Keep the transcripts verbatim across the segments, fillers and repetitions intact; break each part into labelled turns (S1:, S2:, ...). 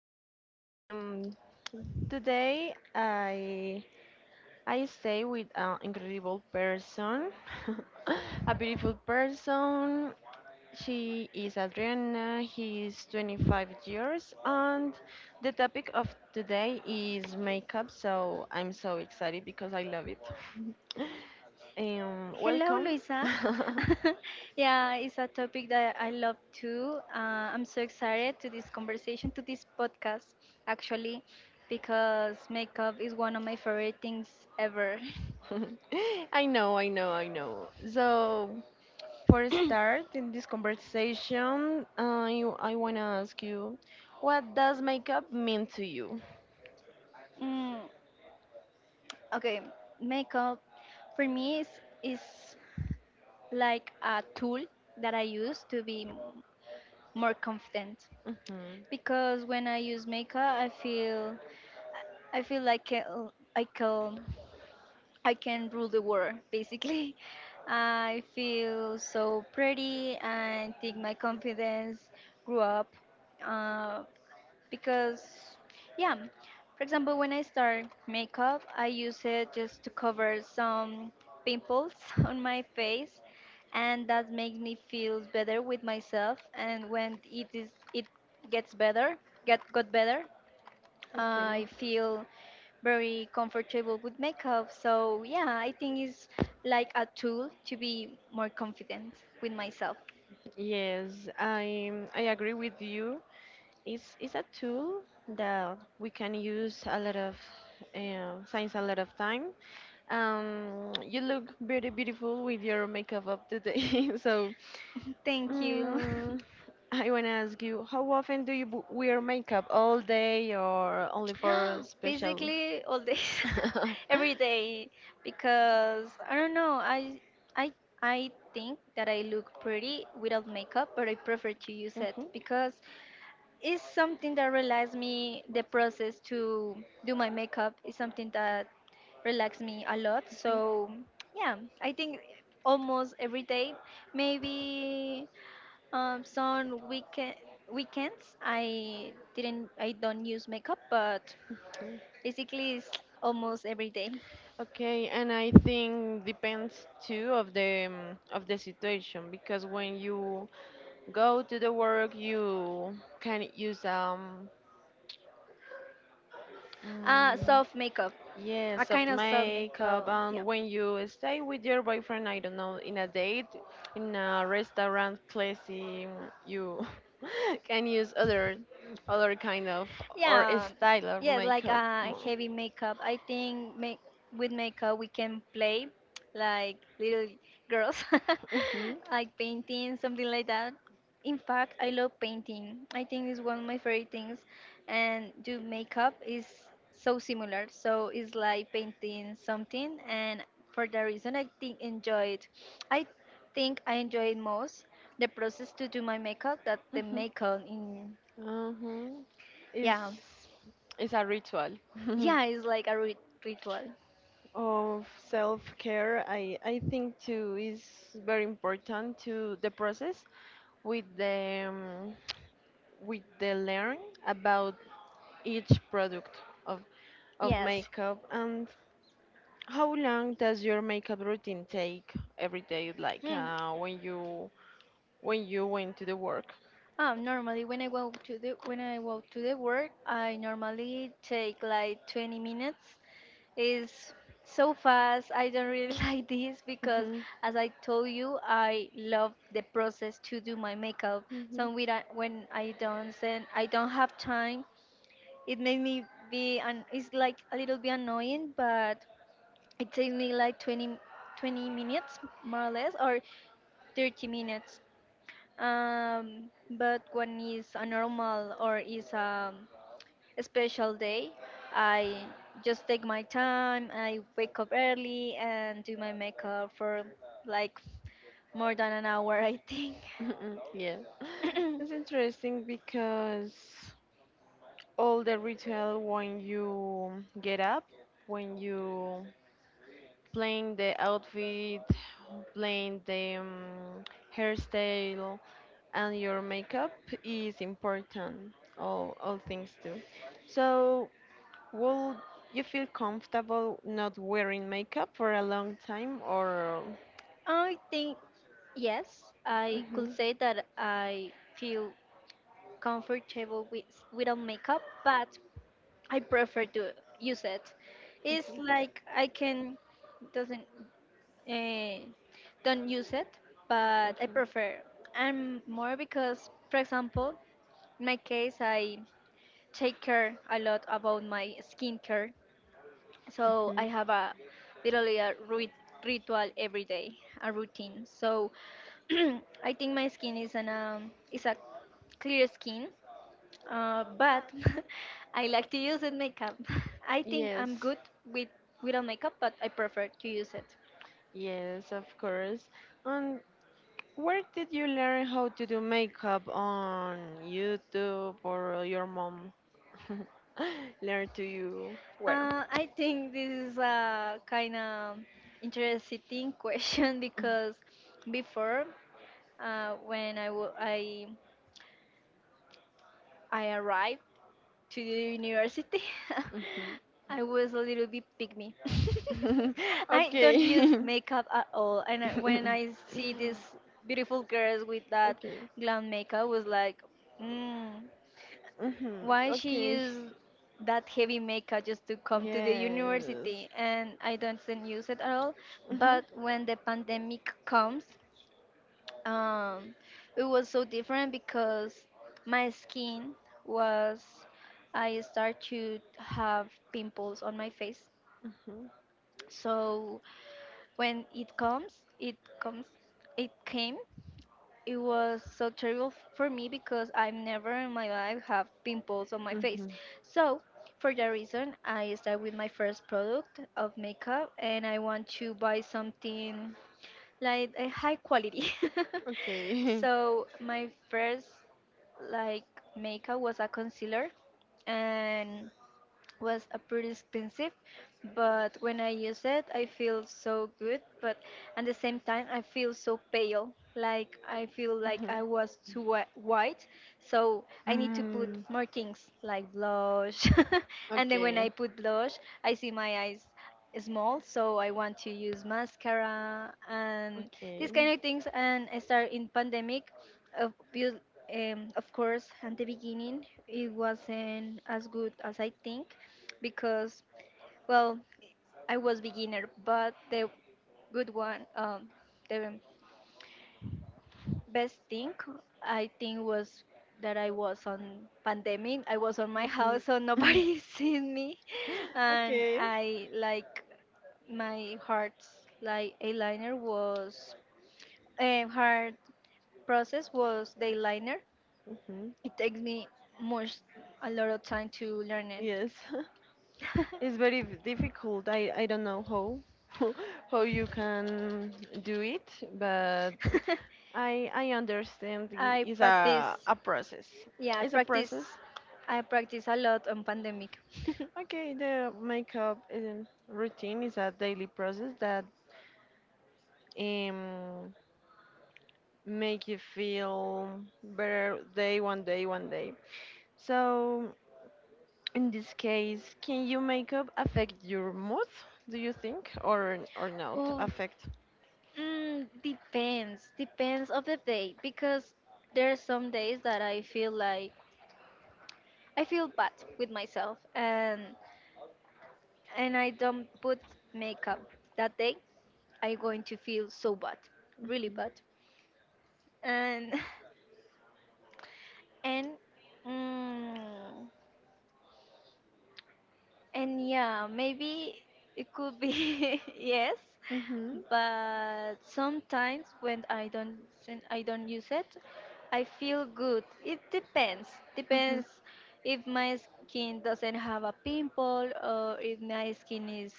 S1: podcast. Um, today, I I stay with an incredible person, a beautiful person. She is Adriana. He is twenty-five years, and the topic of today is makeup. So I'm so excited because I love it. um,
S2: Hello,
S1: welcome.
S2: Luisa. Yeah, it's a topic that I love too. Uh, I'm so excited to this conversation, to this podcast, actually, because makeup is one of my favorite things ever.
S1: I know, I know, I know. So, for a start, in this conversation, I, I want to ask you, what does makeup mean to you?
S2: Mm, okay, makeup for me is, is like a tool that I use to be m- more confident
S1: Mhm.
S2: because when I use makeup, I feel I feel like I I can, I can rule the world, basically. I feel so pretty and think my confidence grew up, uh, because, yeah. For example, when I start makeup, I use it just to cover some pimples on my face, and that makes me feel better with myself. And when it is, it gets better, get got better. I
S1: Okay.
S2: feel very comfortable with makeup. So, yeah, I think it's like a tool to be more confident with myself.
S1: Yes, I, I agree with you. It's, it's a tool that we can use a lot of, uh, since a lot of time. Um, you look very beautiful with your makeup up today. So,
S2: Thank you.
S1: mm, I want to ask you, how often do you bu- wear makeup? All day or only for special?
S2: Basically, all day, every day, because I don't know, I, I, I think that I look pretty without makeup, but I prefer to use
S1: Mhm,
S2: it
S1: mhm,
S2: because it's something that relaxes me. The process to do my makeup is something that relaxes me a lot.
S1: mhm.
S2: So yeah, I think almost every day, maybe um, some weekend weekends I didn't I don't use makeup, but basically it's almost every day.
S1: Okay, and I think depends too of the um, of the situation because when you go to the work, you can use um.
S2: Uh,
S1: Mm,
S2: soft makeup, a
S1: yes, soft
S2: kind of soft
S1: makeup.
S2: makeup. Yeah.
S1: And when you stay with your boyfriend, I don't know, in a date, in a restaurant place, um, you can use other, other kind of, or
S2: Yeah,
S1: style of
S2: yeah, like
S1: makeup
S2: uh,
S1: more.
S2: heavy makeup. I think make with makeup we can play like little girls,
S1: Mhm.
S2: like painting, something like that. In fact, I love painting. I think it's one of my favorite things, and do makeup is so similar. So it's like painting something, and for that reason, I think enjoy it. I think I enjoy it most the process to do my makeup that the
S1: Mhm.
S2: makeup in
S1: Huh. It's
S2: yeah.
S1: it's a ritual.
S2: Yeah, it's like a
S1: Yeah,
S2: rit- ritual.
S1: of self-care i i think too is very important to the process with the um, with the learn about each product of of
S2: Yes.
S1: makeup. And how long does your makeup routine take every day, like
S2: Mm.
S1: uh, when you when you went to the work?
S2: Um, normally when I go to the when I go to the work, I normally take like twenty minutes. It's so fast. I don't really like this because,
S1: Hmm.
S2: as I told you, I love the process to do my makeup.
S1: Hmm.
S2: So when I, when I don't then I don't have time. It made me be an. It's like a little bit annoying, but it takes me like twenty, twenty minutes more or less or thirty minutes, um, but when it's a normal or is um, a special day I just take my time. I wake up early and do my makeup for like more than an hour, I think.
S1: Mhm, yeah. It's interesting because all the ritual when you get up, when you playing the outfit, playing the um, hairstyle and your makeup is important. All all things too. So, will you feel comfortable not wearing makeup for a long time, or?
S2: I think yes, I could
S1: Mhm,
S2: say that I feel comfortable with without makeup, but I prefer to use it. It's
S1: mhm.
S2: like I can doesn't uh, don't use it, but I prefer. And more because, for example, in my case, I take care a lot about my skincare, so
S1: Okay.
S2: I
S1: Mhm.
S2: have a literally a rit- ritual every day, a routine. So I think my skin is an um, is a clear skin, uh, but I like to use it makeup. I think I'm
S1: Yes,
S2: good with without makeup, but I prefer to use it.
S1: yes, of course. And where did you learn how to do makeup? On YouTube, or your mom learn to you? Where?
S2: Uh, I think this is a kind of interesting question because before, uh, when I wa- I I arrived to the university,
S1: Mhm.
S2: I was a little bit pygmy. I
S1: Okay.
S2: don't use makeup at all, and I, when I see these beautiful girls with that
S1: Okay.
S2: glam makeup, was like, mm,
S1: Mhm.
S2: why she
S1: Okay.
S2: use that heavy makeup just to come to the
S1: Yes.
S2: university? And I don't use it at all.
S1: Mhm.
S2: But when the pandemic comes, um, it was so different because my skin was I start to have pimples on my face.
S1: Mhm. Mhm.
S2: So when it comes, it comes, it came. It was so terrible f- for me because I've never in my life have pimples on my face. So for that reason, I start with my first product of makeup, and I want to buy something like a high quality.
S1: Okay.
S2: So my first like makeup was a concealer and was a pretty expensive, but when I use it, I feel so good. But at the same time, I feel so pale. Like I feel like I was too whi- white, so I need to put
S1: Mhm. Mm.
S2: more things like blush. And then when
S1: Okay.
S2: I put blush, I see my eyes small, so I want to use mascara and these
S1: Okay.
S2: kind of things. And I start in pandemic. Of, um, of course, at the beginning, it wasn't as good as I think because well I was beginner, but the good one, um, the best thing I think was that I was on pandemic. I was on my
S1: Mhm.
S2: house, so nobody seen me, and
S1: Okay.
S2: I like my heart's like eyeliner was, um, hard process was the eyeliner.
S1: Mhm.
S2: It takes me much a lot of time to learn it.
S1: Yes. It's very v- difficult. I, I don't know how how you can do it, but I I understand i-
S2: I
S1: it's
S2: practice,
S1: a a process.
S2: yeah, I
S1: It's a
S2: practice,
S1: process.
S2: I practice a lot on pandemic.
S1: Okay, the makeup um, routine is a daily process that um make you feel better day one day one day. So, in this case, can your makeup affect your mood? Do you think, or or not
S2: Oof,
S1: affect?
S2: mm, depends, depends of the day because there are some days that I feel like I feel bad with myself, and and I don't put makeup that day. I'm going to feel so bad, really bad, and and. Mm, and yeah, maybe it could be yes,
S1: Hmm.
S2: but sometimes when I don't sen- I don't use it, I feel good. It depends.
S1: Mhm.
S2: Depends if my skin doesn't have a pimple or if my skin is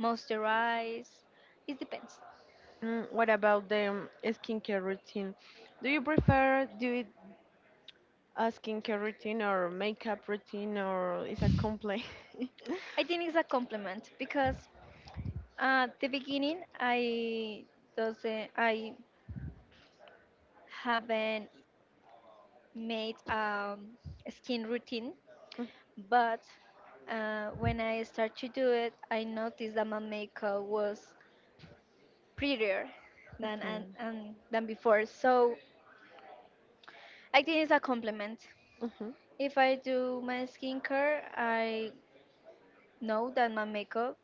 S2: moisturized. It depends.
S1: Mm, what about the um, skincare routine? Do you prefer do it a skincare routine or makeup routine, or is a compliment?
S2: I think it's a compliment because at the beginning I doesn't I haven't made, um, a skin routine. But uh, when I start to do it, I noticed that my makeup was prettier than and,
S1: Mhm,
S2: and than before. So I think it's a compliment.
S1: mhm.
S2: If I do my skincare, I know that my makeup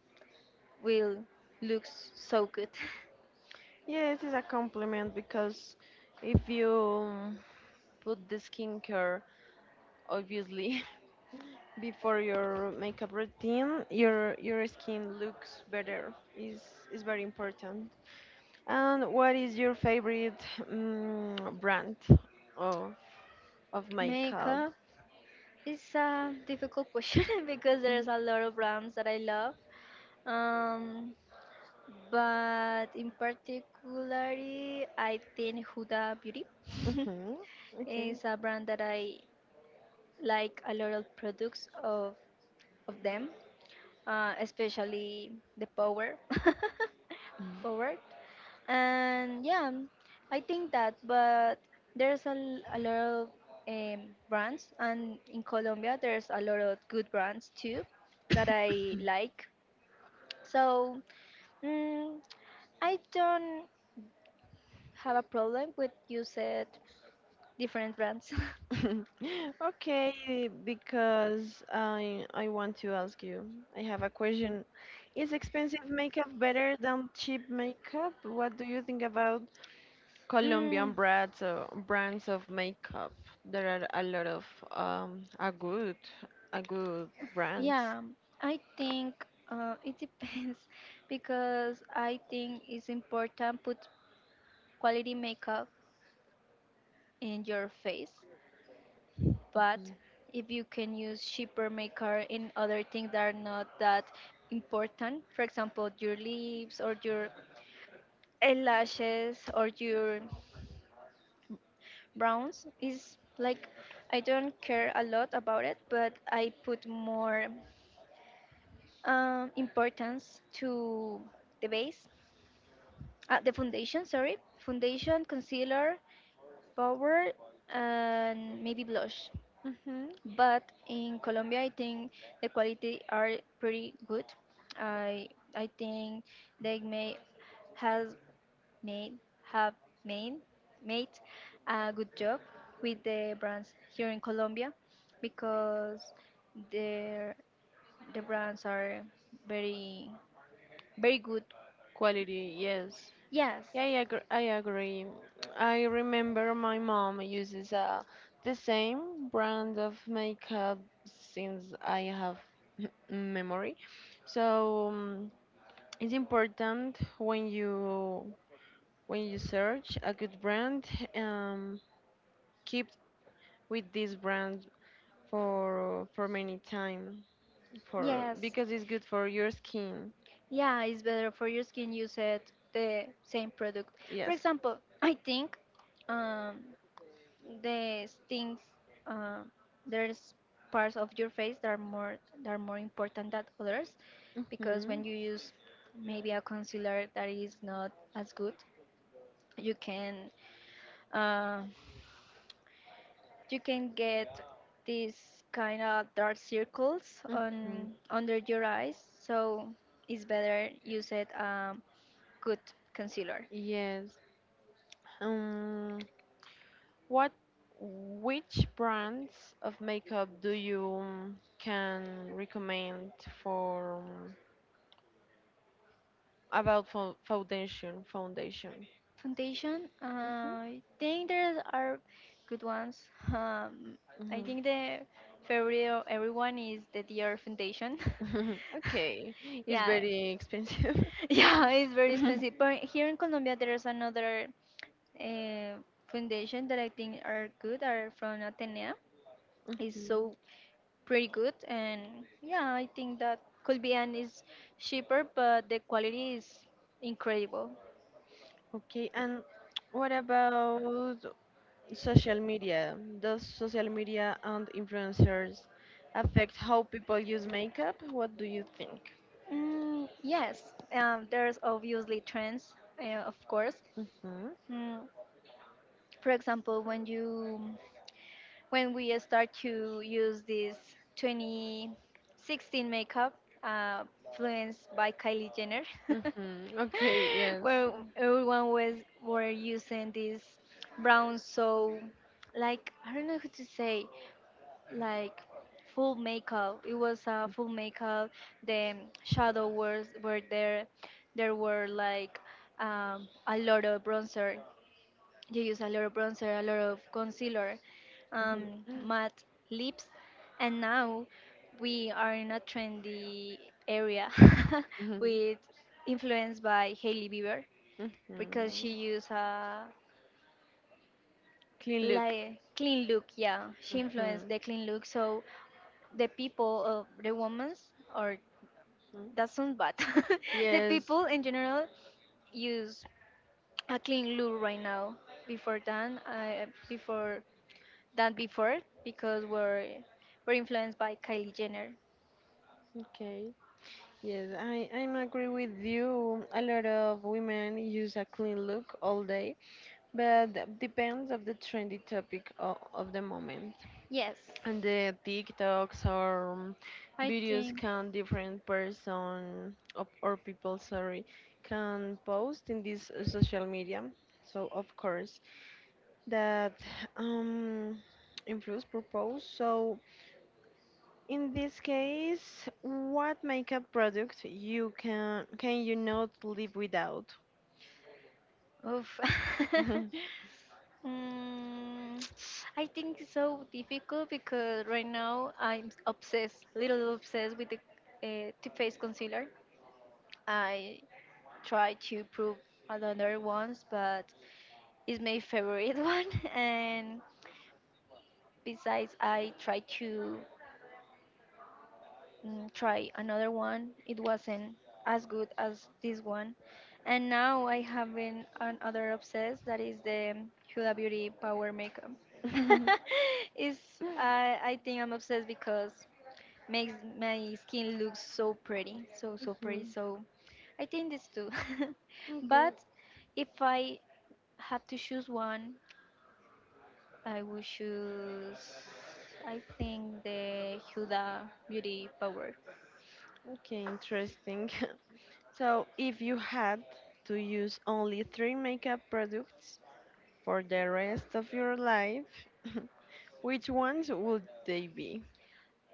S2: will look so good.
S1: Yes, it's a compliment because if you, um, put the skincare obviously before your makeup routine, your your skin looks better. is is very important. And what is your favorite, mm, brand of of makeup?
S2: Makeup is a difficult question because there's
S1: Mhm.
S2: a lot of brands that I love. Um, but in particularly I think Huda Beauty
S1: Mhm. Okay.
S2: is a brand that I like a lot of products of of them, uh, especially the power
S1: Mm.
S2: power. And yeah, I think that. But there's a, l- a lot of, um, brands, and in Colombia there's a lot of good brands too that I like. So mm, I don't have a problem with you said different brands.
S1: Okay, because I I want to ask you. I have a question. Is expensive makeup better than cheap makeup? What do you think about Colombian
S2: Mm,
S1: brands, uh, brands of makeup? There are a lot of um, a good a good brands.
S2: yeah, I think, uh, it depends because I think it's important put quality makeup in your face, but if you can use cheaper makeup in other things that are not that important, for example, your lips or your eyelashes or your Browns is like I don't care a lot about it, but I put more, um, importance to the base, uh, the foundation. Sorry, foundation, concealer, powder, and maybe blush.
S1: Hmm.
S2: But in Colombia, I think the quality are pretty good. I I think they may has made have made made a good job with the brands here in Colombia because their the brands are very very good.
S1: Quality, yes.
S2: Yes,
S1: Yeah, I agree. I agree. I remember my mom uses, uh, the same brand of makeup since I have memory. So, um, it's important when you when you search a good brand, um, keep with this brand for for many time for
S2: yes,
S1: because it's good for your skin.
S2: yeah. It's better for your skin. You said the same product. For
S1: Yes.
S2: example, I think, um, the things, uh, there's parts of your face that are more that are more important than others because when
S1: Mhm.
S2: you use maybe a concealer that is not as good you can, uh, you can get these kind of dark circles
S1: Mhm.
S2: on under your eyes, so it's better use it, um, good concealer.
S1: Yes. Um. What? Which brands of makeup do you, um, can recommend for, um, about fo- foundation? Foundation.
S2: Foundation, uh,
S1: Mhm.
S2: I think there are good ones. Um, I
S1: Mhm.
S2: think the favorite of everyone is the Dior Foundation.
S1: Okay, it's
S2: Yeah,
S1: very expensive.
S2: yeah, it's very expensive. But here in Colombia, there is another, uh, foundation that I think are good. Are from Atenea. It's
S1: Mhm.
S2: so pretty good, and yeah, I think that could be and is cheaper, but the quality is incredible.
S1: Okay, and what about social media? Does social media and influencers affect how people use makeup? What do you think?
S2: Mm, yes, um, there's obviously trends, uh, of course.
S1: Mm-hmm.
S2: Mm, for example, when you when we start to use this twenty sixteen makeup, uh, influenced by Kylie Jenner,
S1: Mm-hmm. Okay, yes.
S2: where everyone was were using this brown so like I don't know how to say like full makeup. It was a uh, full makeup. The shadow was were there. There were like, um, a lot of bronzer. You use a lot of bronzer, a lot of concealer, um,
S1: Mm-hmm.
S2: matte lips, and now we are in a trendy area
S1: Mm-hmm.
S2: with influenced by Hailey Bieber because she
S1: Mm-hmm.
S2: used a
S1: Clean look.
S2: like clean look. Yeah, she influenced
S1: Mm-hmm.
S2: the clean look. So the people of the women's or
S1: Mm-hmm.
S2: that sounds bad the
S1: Yes.
S2: people in general use a clean look right now before than uh, before than before because we're we're influenced by Kylie Jenner.
S1: Okay. Yes, I I'm agree with you. A lot of women use a clean look all day, but that depends of the trendy topic of, of the moment.
S2: Yes,
S1: And the TikToks or, um,
S2: I
S1: videos
S2: think
S1: can different person, or, or people, sorry, can post in this, uh, social media. So of course that um improves purpose. So, in this case, what makeup product you can can you not live without?
S2: oof. Mm, I think it's so difficult because right now I'm obsessed little obsessed with the, uh, two face concealer. I try to prove another ones, but it's my favorite one. And besides, I tried to mm, try another one. It wasn't as good as this one. And now I have an, another obsessed that is the Huda Beauty Power Makeup. Is I I think I'm obsessed because makes my skin look so pretty, so so pretty.
S1: Mhm.
S2: So I think this too.
S1: Okay.
S2: But if I have to choose one, I would choose, I think, the Huda Beauty Power.
S1: Okay, interesting. So, if you had to use only three makeup products for the rest of your life, which ones would they be?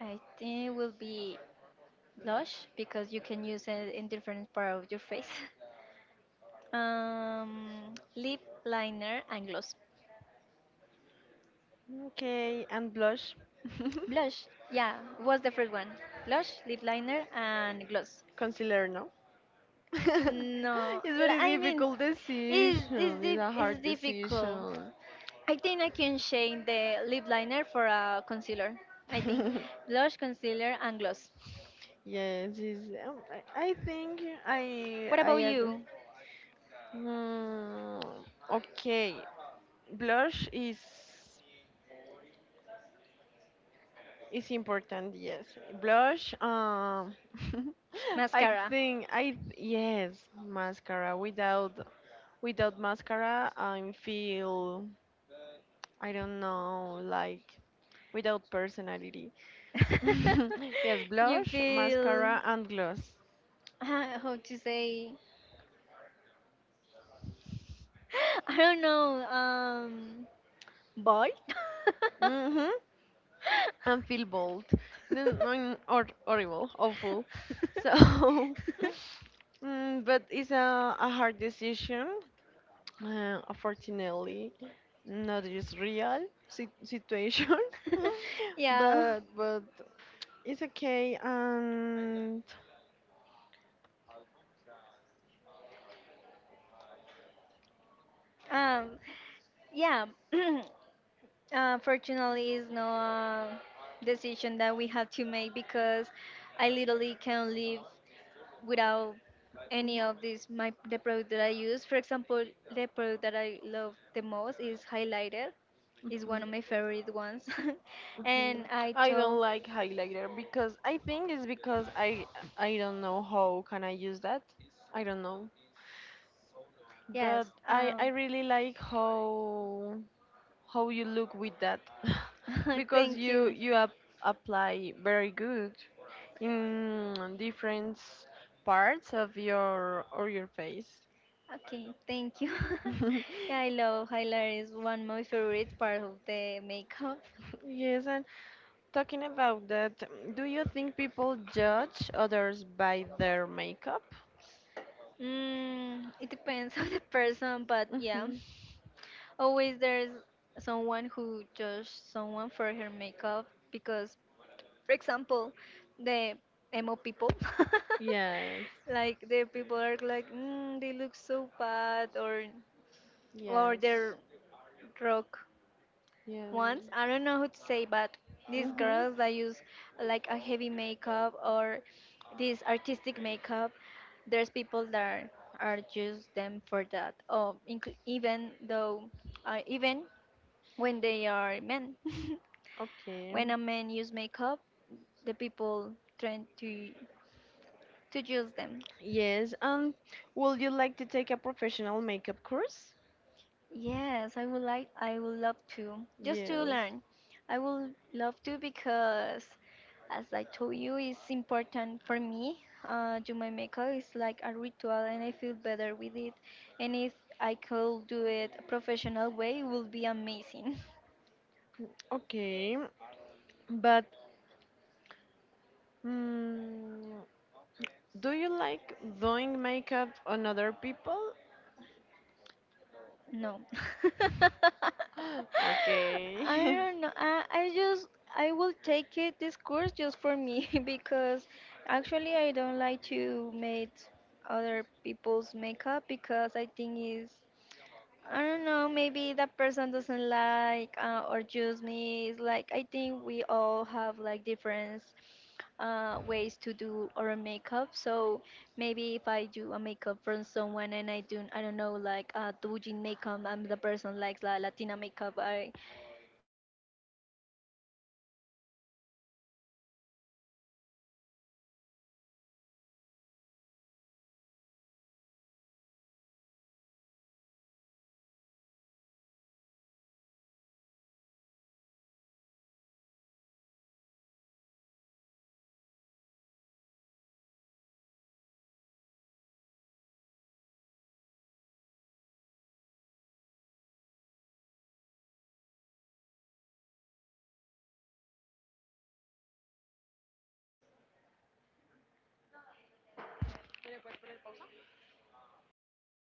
S2: I think it will be blush because you can use it in different part of your face. Um, lip liner and gloss.
S1: Okay, and blush.
S2: Blush, yeah, was the first one. Blush, lip liner, and gloss.
S1: Concealer, no. It's
S2: No, li-
S1: very
S2: I mean,
S1: difficult
S2: it's, it's,
S1: decision. It's
S2: dif-
S1: a
S2: it's
S1: hard
S2: difficult.
S1: decision.
S2: I think I can change the lip liner for a concealer. I think blush, concealer, and gloss.
S1: Yes, is. Um, I I think I
S2: What
S1: I
S2: about
S1: agree.
S2: you?
S1: Mm, okay, blush is It's important, yes. Blush, um, I
S2: Mascara.
S1: think I yes, mascara. Without without mascara, I feel I don't know, like without personality. Yes,
S2: You
S1: blush,
S2: feel
S1: mascara, and gloss.
S2: how to say? I don't know. Um, bold.
S1: Mhm. And feel bold, then, mm, or horrible, awful. So, mm, but it's a, a hard decision. Uh, unfortunately, not just real sit- situation, Yeah.
S2: Yeah.
S1: but but it's okay. And
S2: Um. Yeah. Uh, fortunately, it's no, uh, decision that we had to make because I literally can't live without any of these. My The product that I use, for example, the product that I love the most is highlighter. Is one
S1: Mhm,
S2: of my favorite ones, and
S1: mhm.
S2: I
S1: I
S2: told
S1: don't like highlighter because I think it's because I I don't know how can I use that. I don't know,
S2: yes.
S1: but I
S2: Um,
S1: I really like how how you look with that because
S2: thank
S1: you
S2: you.
S1: you ap- apply very good. In different parts of your or your face.
S2: Okay, thank you. Yeah, I love highlight is one of my favorite part of the makeup.
S1: Yes, and talking about that, do you think people judge others by their makeup?
S2: Mm, it depends on the person, but yeah,
S1: Mhm.
S2: always there's someone who judge someone for her makeup because, for example, the emo people,
S1: Yes,
S2: like the people are like, mm, they look so bad, or or
S1: yes,
S2: their rock
S1: yes.
S2: once I don't know who to say, but these
S1: Mhm.
S2: girls that use like a heavy makeup or this artistic makeup, there's people that are just them for that. Oh, incl- even though uh, even when they are men.
S1: Okay.
S2: When a man use makeup the people tend to to use them.
S1: Yes, um, would you like to take a professional makeup course?
S2: Yes, I would like, I would love to, just to
S1: Yes.
S2: learn. I would love to because, as I told you, it's important for me. Uh, do my makeup is like a ritual, and I feel better with it. And if I could do it a professional way, it would be amazing.
S1: Okay. But mm, do you like doing makeup on other people?
S2: No.
S1: Okay.
S2: I don't know. I, I just I will take it this course just for me because actually I don't like to make other people's makeup because I think it's I don't know, maybe that person doesn't like, uh, or choose me. It's like I think we all have like different, uh, ways to do our makeup. So maybe if I do a makeup from someone and I do I don't know like, uh, Doujin makeup and the person likes la Latina makeup, I it's gonna be,
S1: Ujú.
S2: um, a mess because it's gonna be a mess because um, it's, it's gonna be a mess because I think it's really important that the people feels better
S1: Hola.
S2: with her makeup. So yeah, no, yo-
S1: Le pausa. ¿Se puede?